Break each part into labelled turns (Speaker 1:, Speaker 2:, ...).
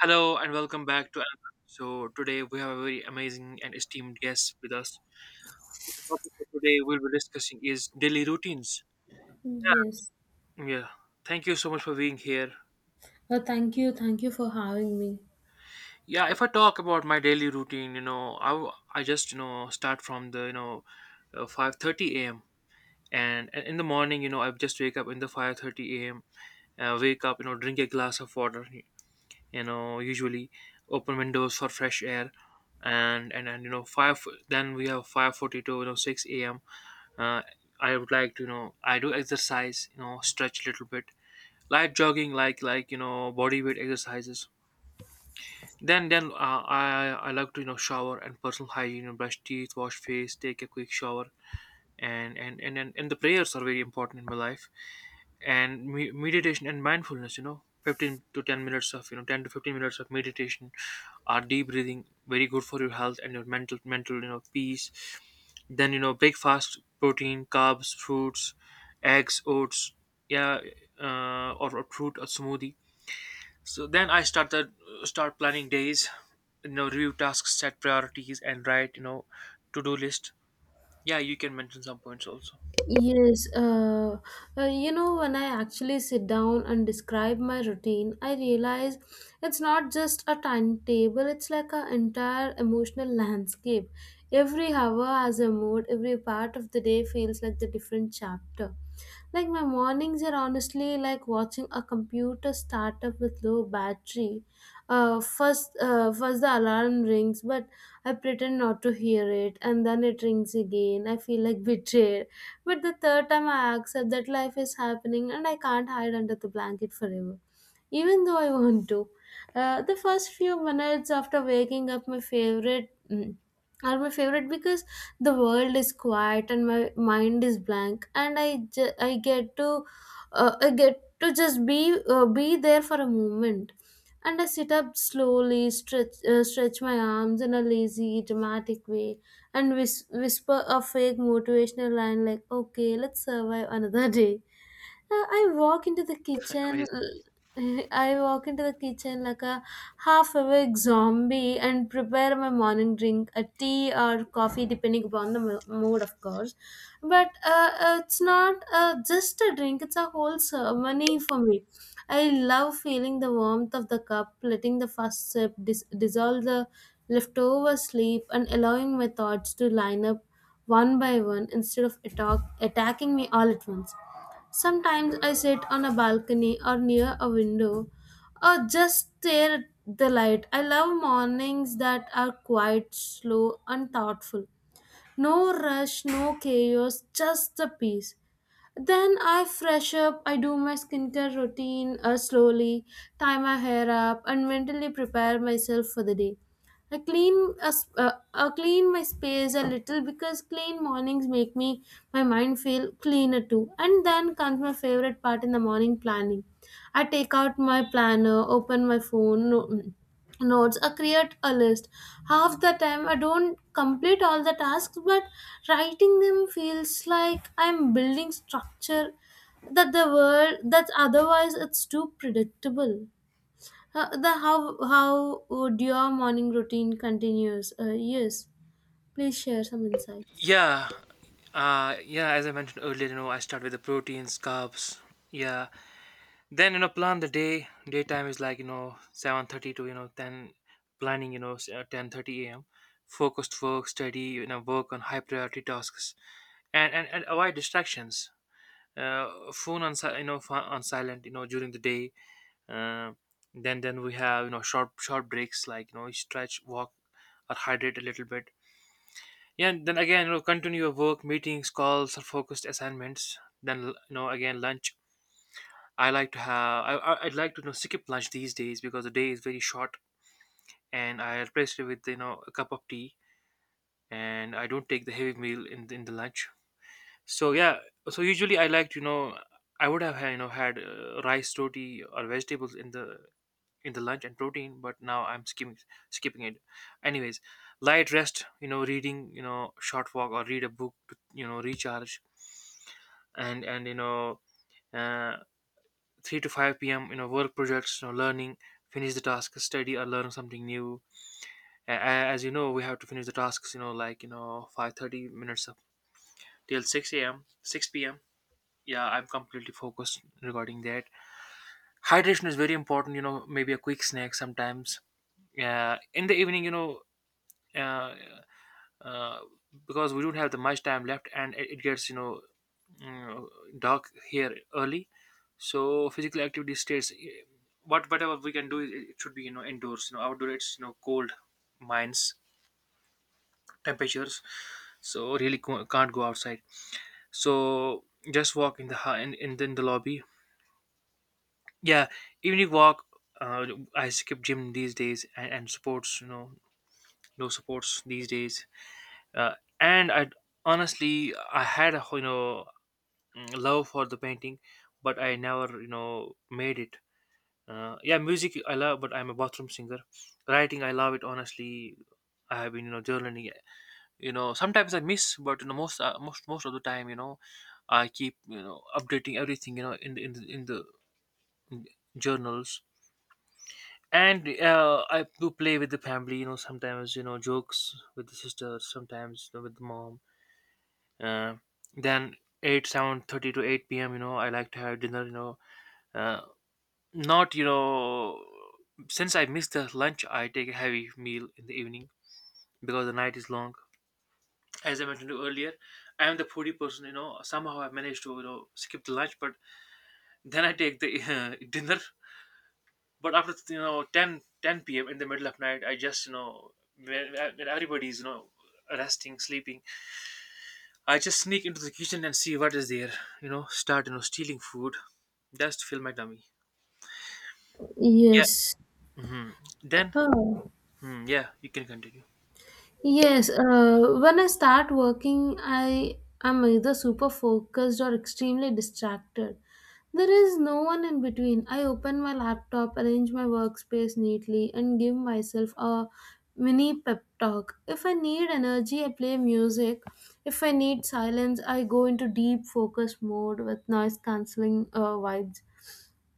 Speaker 1: Hello and welcome back to another. So today we have a very amazing and esteemed guest with us. So the topic for today we'll be discussing is daily routines.
Speaker 2: Yes.
Speaker 1: Yeah. Yeah. Thank you so much for being here.
Speaker 2: Thank you. Thank you for having me.
Speaker 1: Yeah, if I talk about my daily routine, I just start from the 5:30 a.m. And in the morning, I just wake up in the 5:30 a.m. Wake up, drink a glass of water, usually open windows for fresh air, and you know 5 then we have 5:42, 6 a.m. uh, I would like to, I do exercise, stretch a little bit, light jogging, like body weight exercises. Then I like to, shower and personal hygiene, brush teeth, wash face, take a quick shower. And the prayers are very important in my life, and meditation and mindfulness, 15 to 10 minutes of, 10 to 15 minutes of meditation or deep breathing, very good for your health and your mental peace. Then, breakfast, protein, carbs, fruits, eggs, oats, yeah, or fruit or smoothie. So then I start the, start planning days, review tasks, set priorities, and write, to-do list. Yeah, you can mention some points also.
Speaker 2: Yes, uh, you know, when I actually sit down and describe my routine, I realize it's not just a timetable, it's like an entire emotional landscape. Every hour has a mood, every part of the day feels like the different chapter. Like my mornings are honestly like watching a computer start up with low battery. First the alarm rings, but I pretend not to hear it, and then it rings again. I feel like betrayed, but the third time I accept that life is happening and I can't hide under the blanket forever, even though I want to. The first few minutes after waking up, are my favorite because the world is quiet and my mind is blank, and I get to I get to just be there for a moment. And I sit up slowly, stretch my arms in a lazy dramatic way and whisper a fake motivational line like, "Okay, let's survive another day." I walk into the kitchen.
Speaker 1: Amazing.
Speaker 2: l- I walk into the kitchen like a half awake zombie and prepare my morning drink, a tea or coffee, depending upon the mood, of course. But it's not just a drink, it's a whole ceremony for me. I love feeling the warmth of the cup, letting the first sip dissolve the leftover sleep, and allowing my thoughts to line up one by one instead of attacking me all at once. Sometimes I sit on a balcony or near a window, or just stare at the light. I love mornings that are quiet, slow, and thoughtful. No rush, no chaos, just the peace. Then I fresh up, I do my skincare routine slowly, tie my hair up, and mentally prepare myself for the day. I I clean my space a little because clean mornings make me my mind feel cleaner too. And then comes my favorite part in the morning planning. I take out my planner, open my phone, notes or create a list. Half the time I don't complete all the tasks, but writing them feels like I'm building structure that the world that otherwise it's too predictable. The How would your morning routine continues? Yes, please share some insights.
Speaker 1: Yeah, yeah. As I mentioned earlier, I start with the proteins, carbs. Yeah, then, plan the day. Daytime is like, 7:30 to, ten, planning, 10:30 a.m. Focused work, study, work on high priority tasks, and avoid distractions. Phone on on silent, during the day. Uh, then we have, short breaks like, stretch, walk, or hydrate a little bit. Yeah, and then again, continue your work, meetings, calls, or focused assignments. Then, again, lunch. I'd like to, skip lunch these days because the day is very short, and I replace it with, a cup of tea, and I don't take the heavy meal in the lunch. So yeah, so usually I like to, I would have had, had rice roti or vegetables in the lunch and protein, but now I'm skipping it. Anyways, light rest, reading, short walk or read a book to, recharge. And uh, 3 to 5 p.m, work projects, learning, finish the task, study or learn something new. As you know, we have to finish the tasks, like, 5:30 minutes up till 6 a.m, 6 p.m. Yeah, I'm completely focused regarding that. Hydration is very important, maybe a quick snack sometimes. Yeah, in the evening, uh, uh, because we don't have the much time left, and it gets, uh, dark here early. So physical activity stays, whatever we can do, it should be, indoors, outdoor it's, cold, mines temperatures. So really can't go outside. So just walk in the hu- in the lobby. Yeah, evening walk. uh, I skip gym these days, and sports, no sports these days. uh, and I, honestly, I had a, love for the painting, but I never, made it. Yeah, music I love, but I'm a bathroom singer. Writing, I love it, honestly. I have been, journaling, sometimes I miss, but, most, most of the time, I keep, updating everything, in the journals. And I do play with the family, sometimes, jokes with the sister, sometimes, with the mom. uh, then 8, 7:30 to 8 p.m, I like to have dinner, uh, not, since I miss the lunch, I take a heavy meal in the evening because the night is long. As I mentioned earlier, I am the foodie person. Somehow I managed to, skip the lunch, but then I take the dinner. But after, ten p.m. in the middle of night, I just, when everybody's, resting, sleeping, I just sneak into the kitchen and see what is there, start, stealing food just to fill my tummy. Yeah.
Speaker 2: Yes.
Speaker 1: Hmm. Then,
Speaker 2: Oh.
Speaker 1: hmm, yeah, you can continue.
Speaker 2: Yes, when I start working, I am either super focused or extremely distracted. There is no one in between. I open my laptop, arrange my workspace neatly, and give myself a mini pep talk. If I need energy, I play music. If I need silence, I go into deep focus mode with noise cancelling vibes.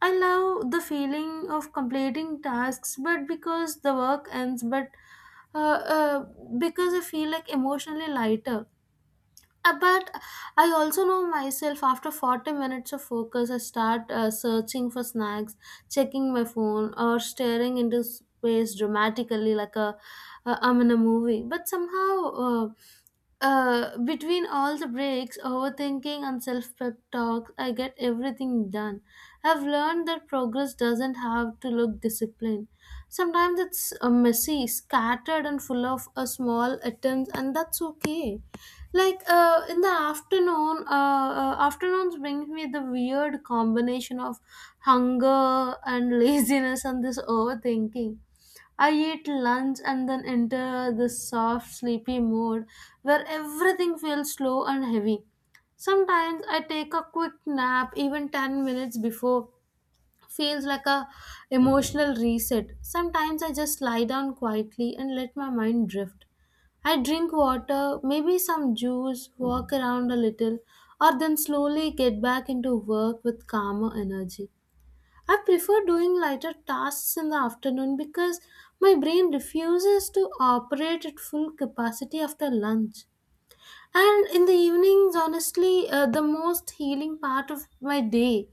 Speaker 2: I love the feeling of completing tasks, but because the work ends, but uh, uh, because I feel like emotionally lighter. But I also know myself after 40 minutes of focus, I start searching for snacks, checking my phone, or staring into space dramatically like a, I'm in a movie. But somehow, between all the breaks, overthinking, and self pep talks, I get everything done. I've learned that progress doesn't have to look disciplined. Sometimes it's messy, scattered, and full of small attempts, and that's okay. Like afternoons brings me the weird combination of hunger and laziness and this overthinking. I eat lunch and then enter this soft, sleepy mode where everything feels slow and heavy. Sometimes I take a quick nap, even 10 minutes before feels like a emotional reset. Sometimes I just lie down quietly and let my mind drift. I drink water, maybe some juice, walk around a little, or then slowly get back into work with calmer energy. I prefer doing lighter tasks in the afternoon because my brain refuses to operate at full capacity after lunch. And in the evenings, honestly, the most healing part of my day.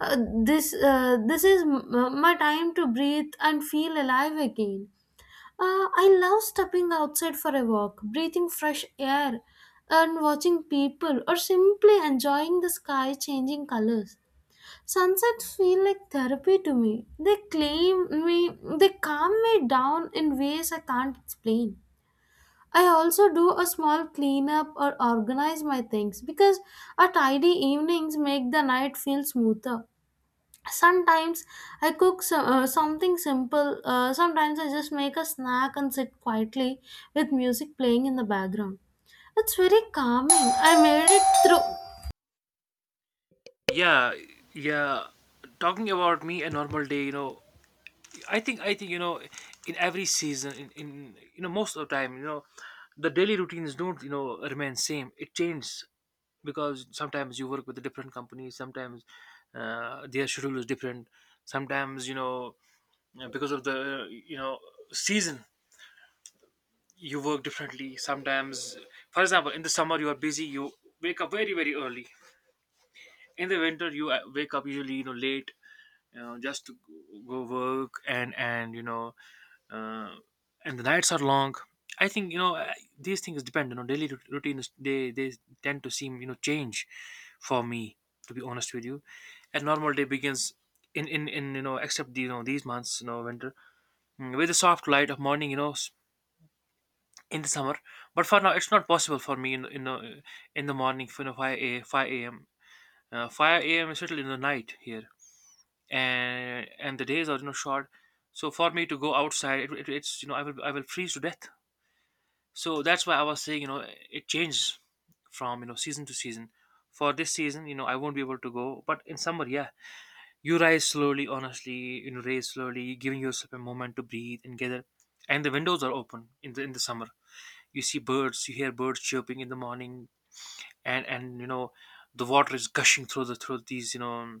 Speaker 2: Uh, this is my time to breathe and feel alive again. I love stepping outside for a walk, breathing fresh air, and watching people, or simply enjoying the sky changing colors. Sunsets feel like therapy to me. They claim me, they calm me down in ways I can't explain. I also do a small cleanup or organize my things because a tidy evenings make the night feel smoother. Sometimes I cook something simple. Sometimes I just make a snack and sit quietly with music playing in the background. It's very calming. I made it through.
Speaker 1: Yeah, yeah, talking about me a normal day, I think, in every season, in most of the time, the daily routines don't, remain same, it changes because sometimes you work with a different company. Sometimes their schedule is different. Sometimes, because of the, season, you work differently sometimes. For example, in the summer you are busy, you wake up very very early. In the winter you wake up usually, late, just to go work, and uh, and the nights are long. I think, these things depend, daily routines, they tend to seem, change. For me, to be honest with you, a normal day begins in except the, these months, winter, with the soft light of morning, in the summer. But for now it's not possible for me in the morning, for 5 a 5 a.m. 5 a.m is certainly in the night here, and the days are, short. So for me to go outside it's, I will freeze to death. So that's why I was saying, it changes from, season to season. For this season, I won't be able to go, but in summer, yeah, you rise slowly, honestly, rise slowly, giving yourself a moment to breathe and gather. And the windows are open in the summer, you see birds, you hear birds chirping in the morning. And the water is gushing through these,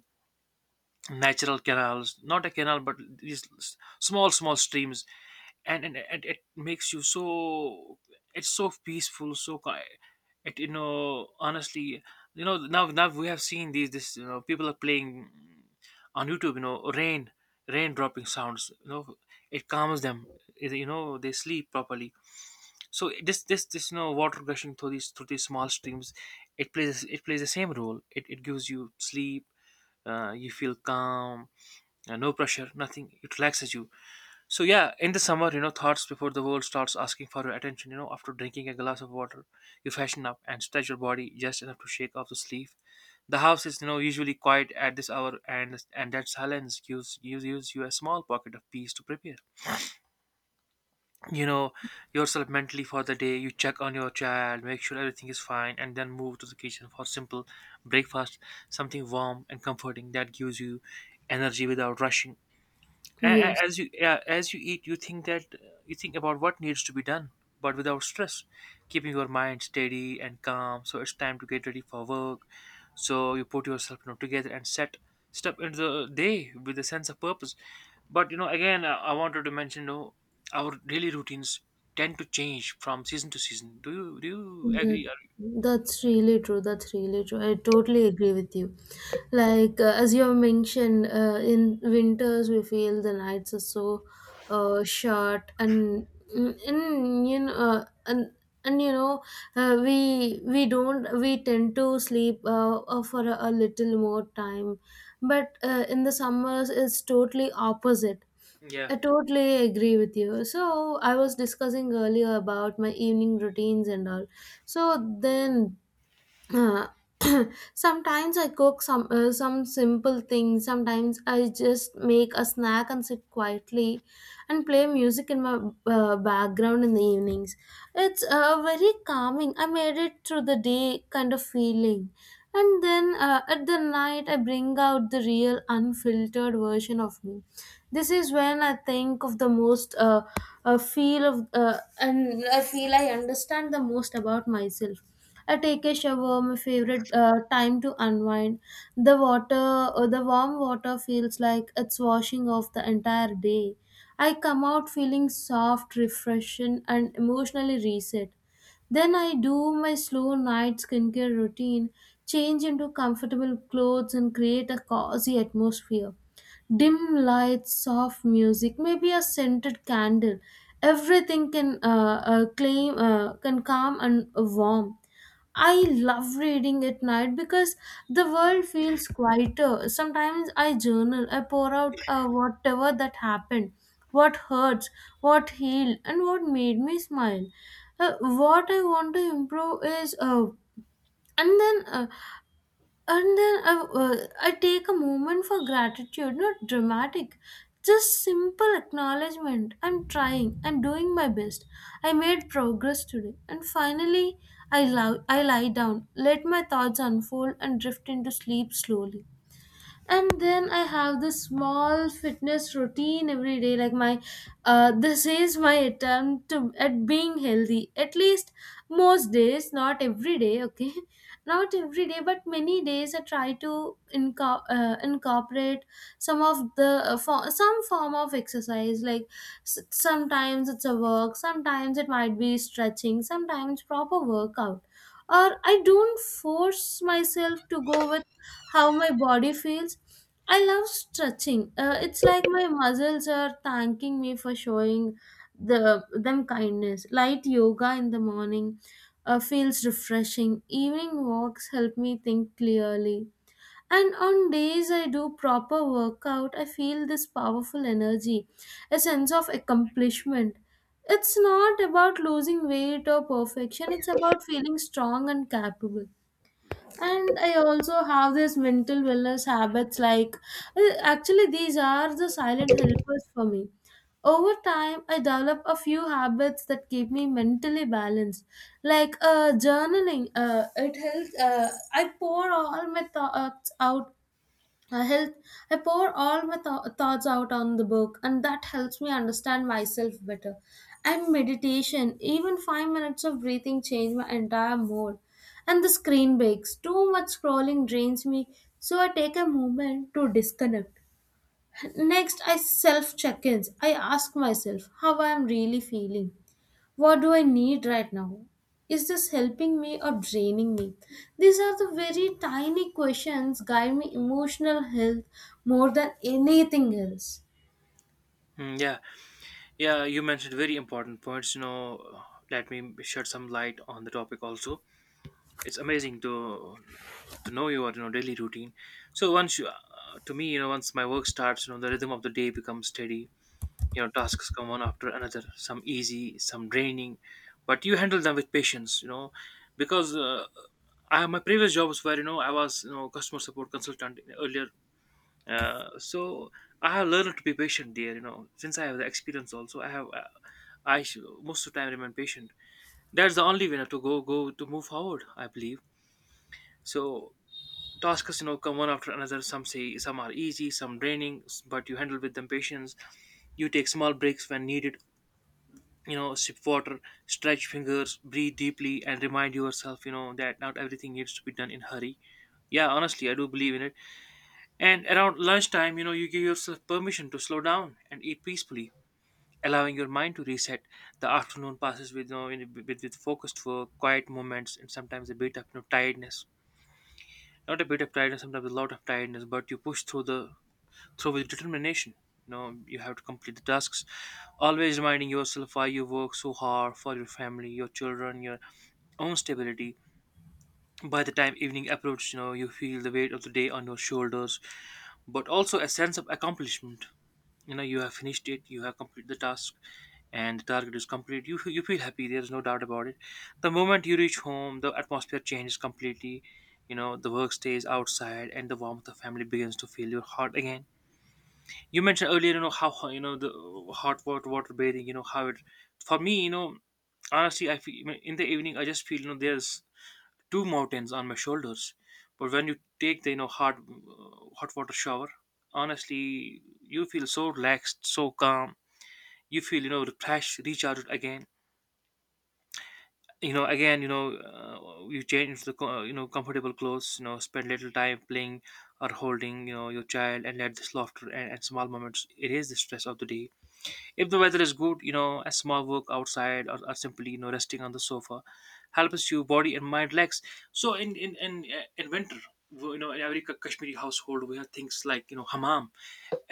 Speaker 1: natural canals, not a canal, but these small streams. And it makes you so, it's so peaceful, so it, honestly, now we have seen these, this people are playing on YouTube, rain dropping sounds, it calms them, they sleep properly. So this, water gushing through these small streams, it plays the same role, it gives you sleep. You feel calm, no pressure, nothing. It relaxes you. So yeah, in the summer, thoughts before the world starts asking for your attention. After drinking a glass of water, you fashion up and stretch your body just enough to shake off the sleep. The house is, usually quiet at this hour, and that silence gives you a small pocket of peace to prepare. You know, yourself mentally for the day. You check on your child, make sure everything is fine, and then move to the kitchen for simple breakfast, something warm and comforting that gives you energy without rushing
Speaker 2: Yes.
Speaker 1: as you eat, you think that you think about what needs to be done, but without stress, keeping your mind steady and calm. So it's time to get ready for work, so you put yourself, together and set step into the day with a sense of purpose. But again, I wanted to mention, our daily routines tend to change from season to season. Do you
Speaker 2: That
Speaker 1: agree or-
Speaker 2: that's really true. That's really true. I totally agree with you. Like as you have mentioned, in winters we feel the nights are so short, and mm, and you know, we don't we tend to sleep for a little more time, but in the summers it's totally opposite.
Speaker 1: yeah.
Speaker 2: I totally agree with you. So, I was discussing earlier about my evening routines and all. So, then uh, sometimes I cook some simple things. Sometimes I just make a snack and sit quietly and play music in my background in the evenings. It's very calming. I made it through the day kind of feeling. And then at the night, I bring out the real unfiltered version of me. This is when I think of the most, and I feel I understand the most about myself. I take a shower, my favorite time to unwind. The warm water feels like it's washing off the entire day. I come out feeling soft, refreshing, and emotionally reset. Then I do my slow night skincare routine, change into comfortable clothes, and create a cozy atmosphere. Dim lights, soft music, maybe a scented candle. Everything can claim can calm and warm. I love reading at night because the world feels quieter. Sometimes I journal, I pour out whatever that happened, what hurts, what healed, and what made me smile. What I want to improve is, and then uh, and then I take a moment for gratitude, not dramatic, just simple acknowledgement. I'm trying, I'm doing my best, I made progress today. And finally I lie down, let my thoughts unfold and drift into sleep slowly. And then I have this small fitness routine every day, like my this is my attempt to, at being healthy at least most days, not every day, okay? Not every day, but many days I try to incorporate some of the some form of exercise like sometimes it's a work, sometimes it might be stretching, sometimes proper workout, or I don't force myself to go how my body feels. I love stretching. It's like my muscles are thanking me for showing them kindness. Light yoga in the morning feels refreshing. Evening walks help me think clearly. And on days I do proper workout, I feel this powerful energy, a sense of accomplishment. It's not about losing weight or perfection, it's about feeling strong and capable. And I also have this mental wellness habits like, actually these are the silent helpers for me. Over time I develop a few habits that keep me mentally balanced, like journaling, it helps, I pour all my thoughts out I help I pour all my thoughts out on the book, and that helps me understand myself better. And meditation, even 5 minutes of breathing, change my entire mood. And the screen breaks. Too much scrolling drains me, so I take a moment to disconnect. Next, I self check ins. I ask myself how I am really feeling. What do I need right now? Is this helping me or draining me? These are the very tiny questions guide me emotional health more than anything else.
Speaker 1: Yeah, yeah, you mentioned very important points, let me shed some light on the topic also. It's amazing to know your daily routine. So once my work starts, the rhythm of the day becomes steady. Tasks come one after another, some easy, some draining, but you handle them with patience, because my previous jobs were, I was, customer support consultant earlier. So I have learned to be patient there, since I have the experience. Also I have most of the time remain patient. That's the only way, to go go to move forward, I believe. So tasks, come one after another. Some say some are easy, some draining, s- but you handle with them patience. You take small breaks when needed. Sip water, stretch fingers, breathe deeply, and remind yourself, that not everything needs to be done in hurry. Yeah, honestly, I do believe in it. And around lunchtime, you give yourself permission to slow down and eat peacefully, allowing your mind to reset. The afternoon passes with, with focused work, quiet moments, and sometimes a bit of tiredness. Not a bit of tiredness, sometimes a lot of tiredness, but you push through the so with determination, you have to complete the tasks, always reminding yourself why you work so hard for your family, your children, your own stability. By the time evening approaches, you feel the weight of the day on your shoulders, but also a sense of accomplishment. You have finished it, you have completed the task, and the target is complete. You feel happy, there's no doubt about it. The moment you reach home, the atmosphere changes completely. The work stays outside, and the warmth of family begins to fill your heart again. You mentioned earlier, you know how ho- you know the hot water bathing, how it for me, honestly I feel in the evening, I just feel, there's two mountains on my shoulders. But when you take the, hot water shower, honestly you feel so relaxed, so calm. You feel, refreshed, recharged again. You change the comfortable clothes, spend little time playing or holding, your child, and let this laughter and small moments erase the stress of the day. If the weather is good, a small walk outside or simply, resting on the sofa helps you body and mind relax. So in winter, in every Kashmiri household, we have things like, hammam,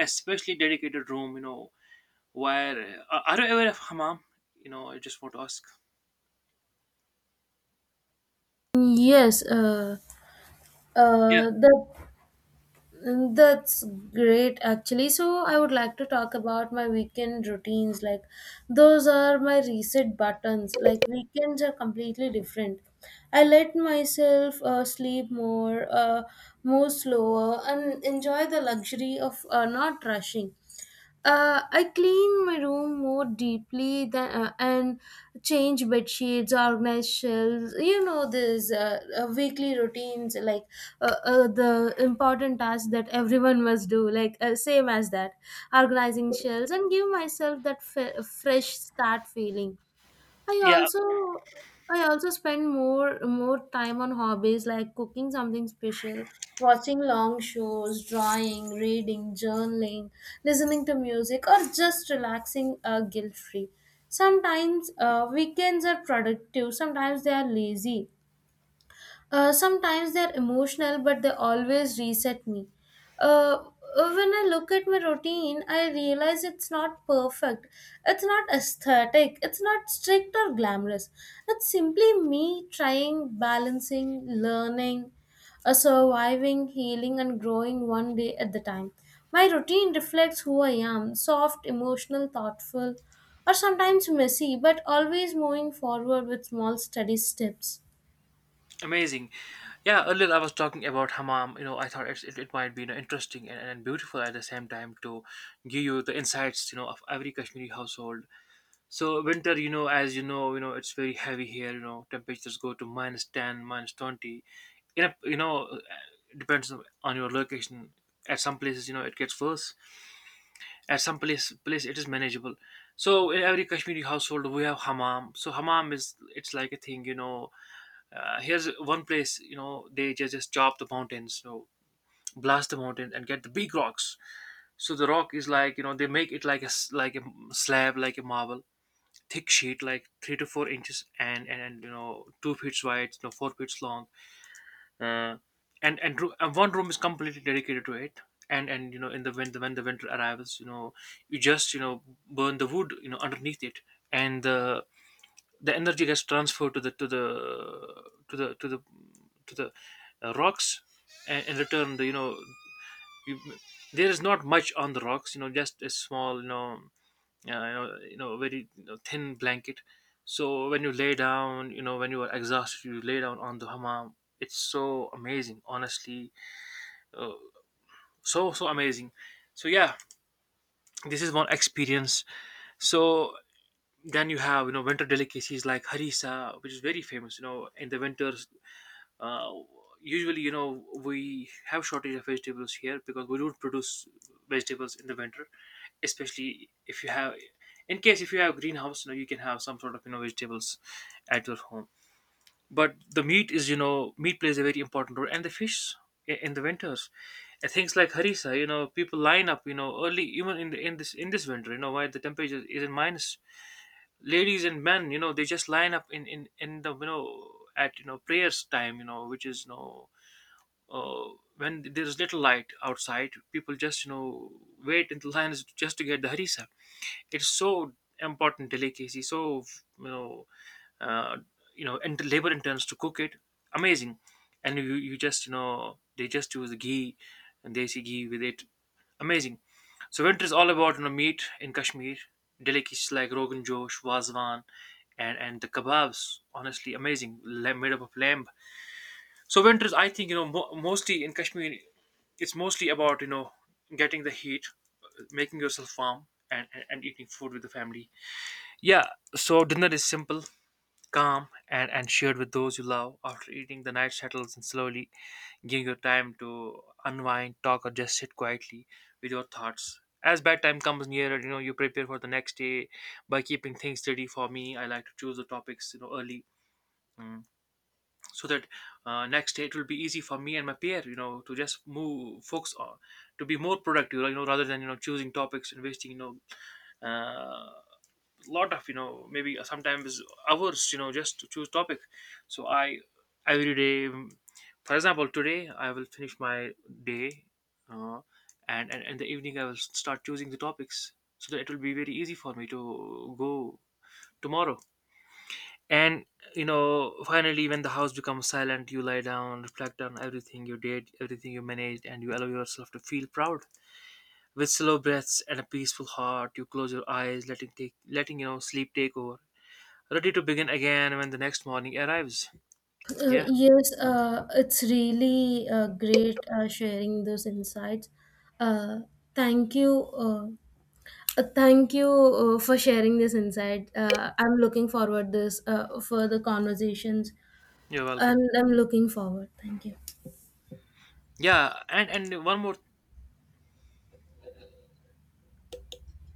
Speaker 1: especially dedicated room, where, are you aware of hammam? You know, I just want to ask.
Speaker 2: Yes, uh,
Speaker 1: Yeah,
Speaker 2: uh, the That's great actually. So I would like to talk about my weekend routines. Like those are my reset buttons. Like weekends are completely different. I let myself sleep more, move slower, and enjoy the luxury of not rushing. I clean my room more deeply and change bed sheets, organize shelves. You know, there's weekly routines like the important tasks that everyone must do, like same as that, organizing shelves and give myself that fresh start feeling. I
Speaker 1: yeah,
Speaker 2: also I also spend more time on hobbies like cooking something special, watching long shows, drawing, reading, journaling, listening to music, or just relaxing guilt free. Sometimes weekends are productive, sometimes they are lazy. Sometimes they're emotional, but they always reset me. Uh, when I look at my routine, I realize it's not perfect. It's not aesthetic. It's not strict or glamorous. It's simply me trying, balancing, learning, surviving, healing, and growing one day at the time. My routine reflects who I am: soft, emotional, thoughtful, or sometimes messy, but always moving forward with small, steady steps.
Speaker 1: amazing. Yeah, earlier I was talking about hammam. You know, I thought it might be, interesting and beautiful at the same time to give you the insights, of every Kashmiri household. So winter, as you know, it's very heavy here. You know, temperatures go to -10, minus twenty. You know, you know, uh, Depends on your location. At some places, it gets worse. At some place it is manageable. So in every Kashmiri household, we have hammam. So hammam is it's like a thing. Here's one place. You know, they just chop the mountains. You know, blast the mountain and get the big rocks. So the rock is like, they make it like a like a slab, like a marble thick sheet, like 3 to 4 inches, and you know, 2 feet wide, you know, 4 feet long. uh, and one room is completely dedicated to it. And you know, in the when the winter arrives, you just, burn the wood, underneath it. And the energy gets transferred to the to the to the to the to the rocks. And in return, the, you, there is not much on the rocks, just a small, you know you know, you know very you know, thin blanket. So when you lay down, when you are exhausted, you lay down on the hammam. It's so amazing, honestly, uh, so amazing. So yeah, this is one experience. So then you have, winter delicacies like harissa, which is very famous. You know, in the winters, uh, usually, we have shortage of vegetables here because we don't produce vegetables in the winter, especially if you have, in case if you have greenhouse, you can have some sort of, vegetables at your home. But the meat is, meat plays a very important role, and the fish in the winters. And things like harissa, people line up, early, even in this, in this winter, why the temperature is in minus. Ladies and men, they just line up in the, at, prayers time, which is, uh, when there's little light outside, people just, wait in the lines just to get the harissa. It's so important delicacy. So, you know, uh, and labor interns to cook it, amazing. And you just, they just use the ghee, and they desi ghee with it, amazing. So winter is all about, meat in Kashmir, delicacies like rogan josh, wazwan, and the kebabs. Honestly, amazing, made up of lamb. So winters, I think, mostly in Kashmir, it's mostly about, getting the heat, making yourself warm, and eating food with the family. Yeah. So dinner is simple, calm, and shared with those you love. After eating, the night settles and slowly giving you time to unwind, talk, or just sit quietly with your thoughts. As bedtime comes nearer, you know you prepare for the next day by keeping things steady. For me, I like to choose the topics, early. Mm. So that, next day it will be easy for me and my peer, to just move focus on, to be more productive, like, rather than, choosing topics and wasting, uh, lot of, maybe sometimes hours, just to choose topic. So I every day, for example, today I will finish my day, uh, and in the evening I will start choosing the topics, so that it will be very easy for me to go tomorrow. And you know, finally, when the house becomes silent, you lie down, reflect on everything you did, everything you managed, and you allow yourself to feel proud. With slow breaths and a peaceful heart, you close your eyes, letting, sleep take over, ready to begin again when the next morning arrives. Yeah,
Speaker 2: Yes, it's really great sharing those insights. Uh, Thank you. Thank you for sharing this insight. I'm looking forward this further conversations,
Speaker 1: you're welcome.
Speaker 2: and I'm looking forward. Thank you.
Speaker 1: Yeah, and one more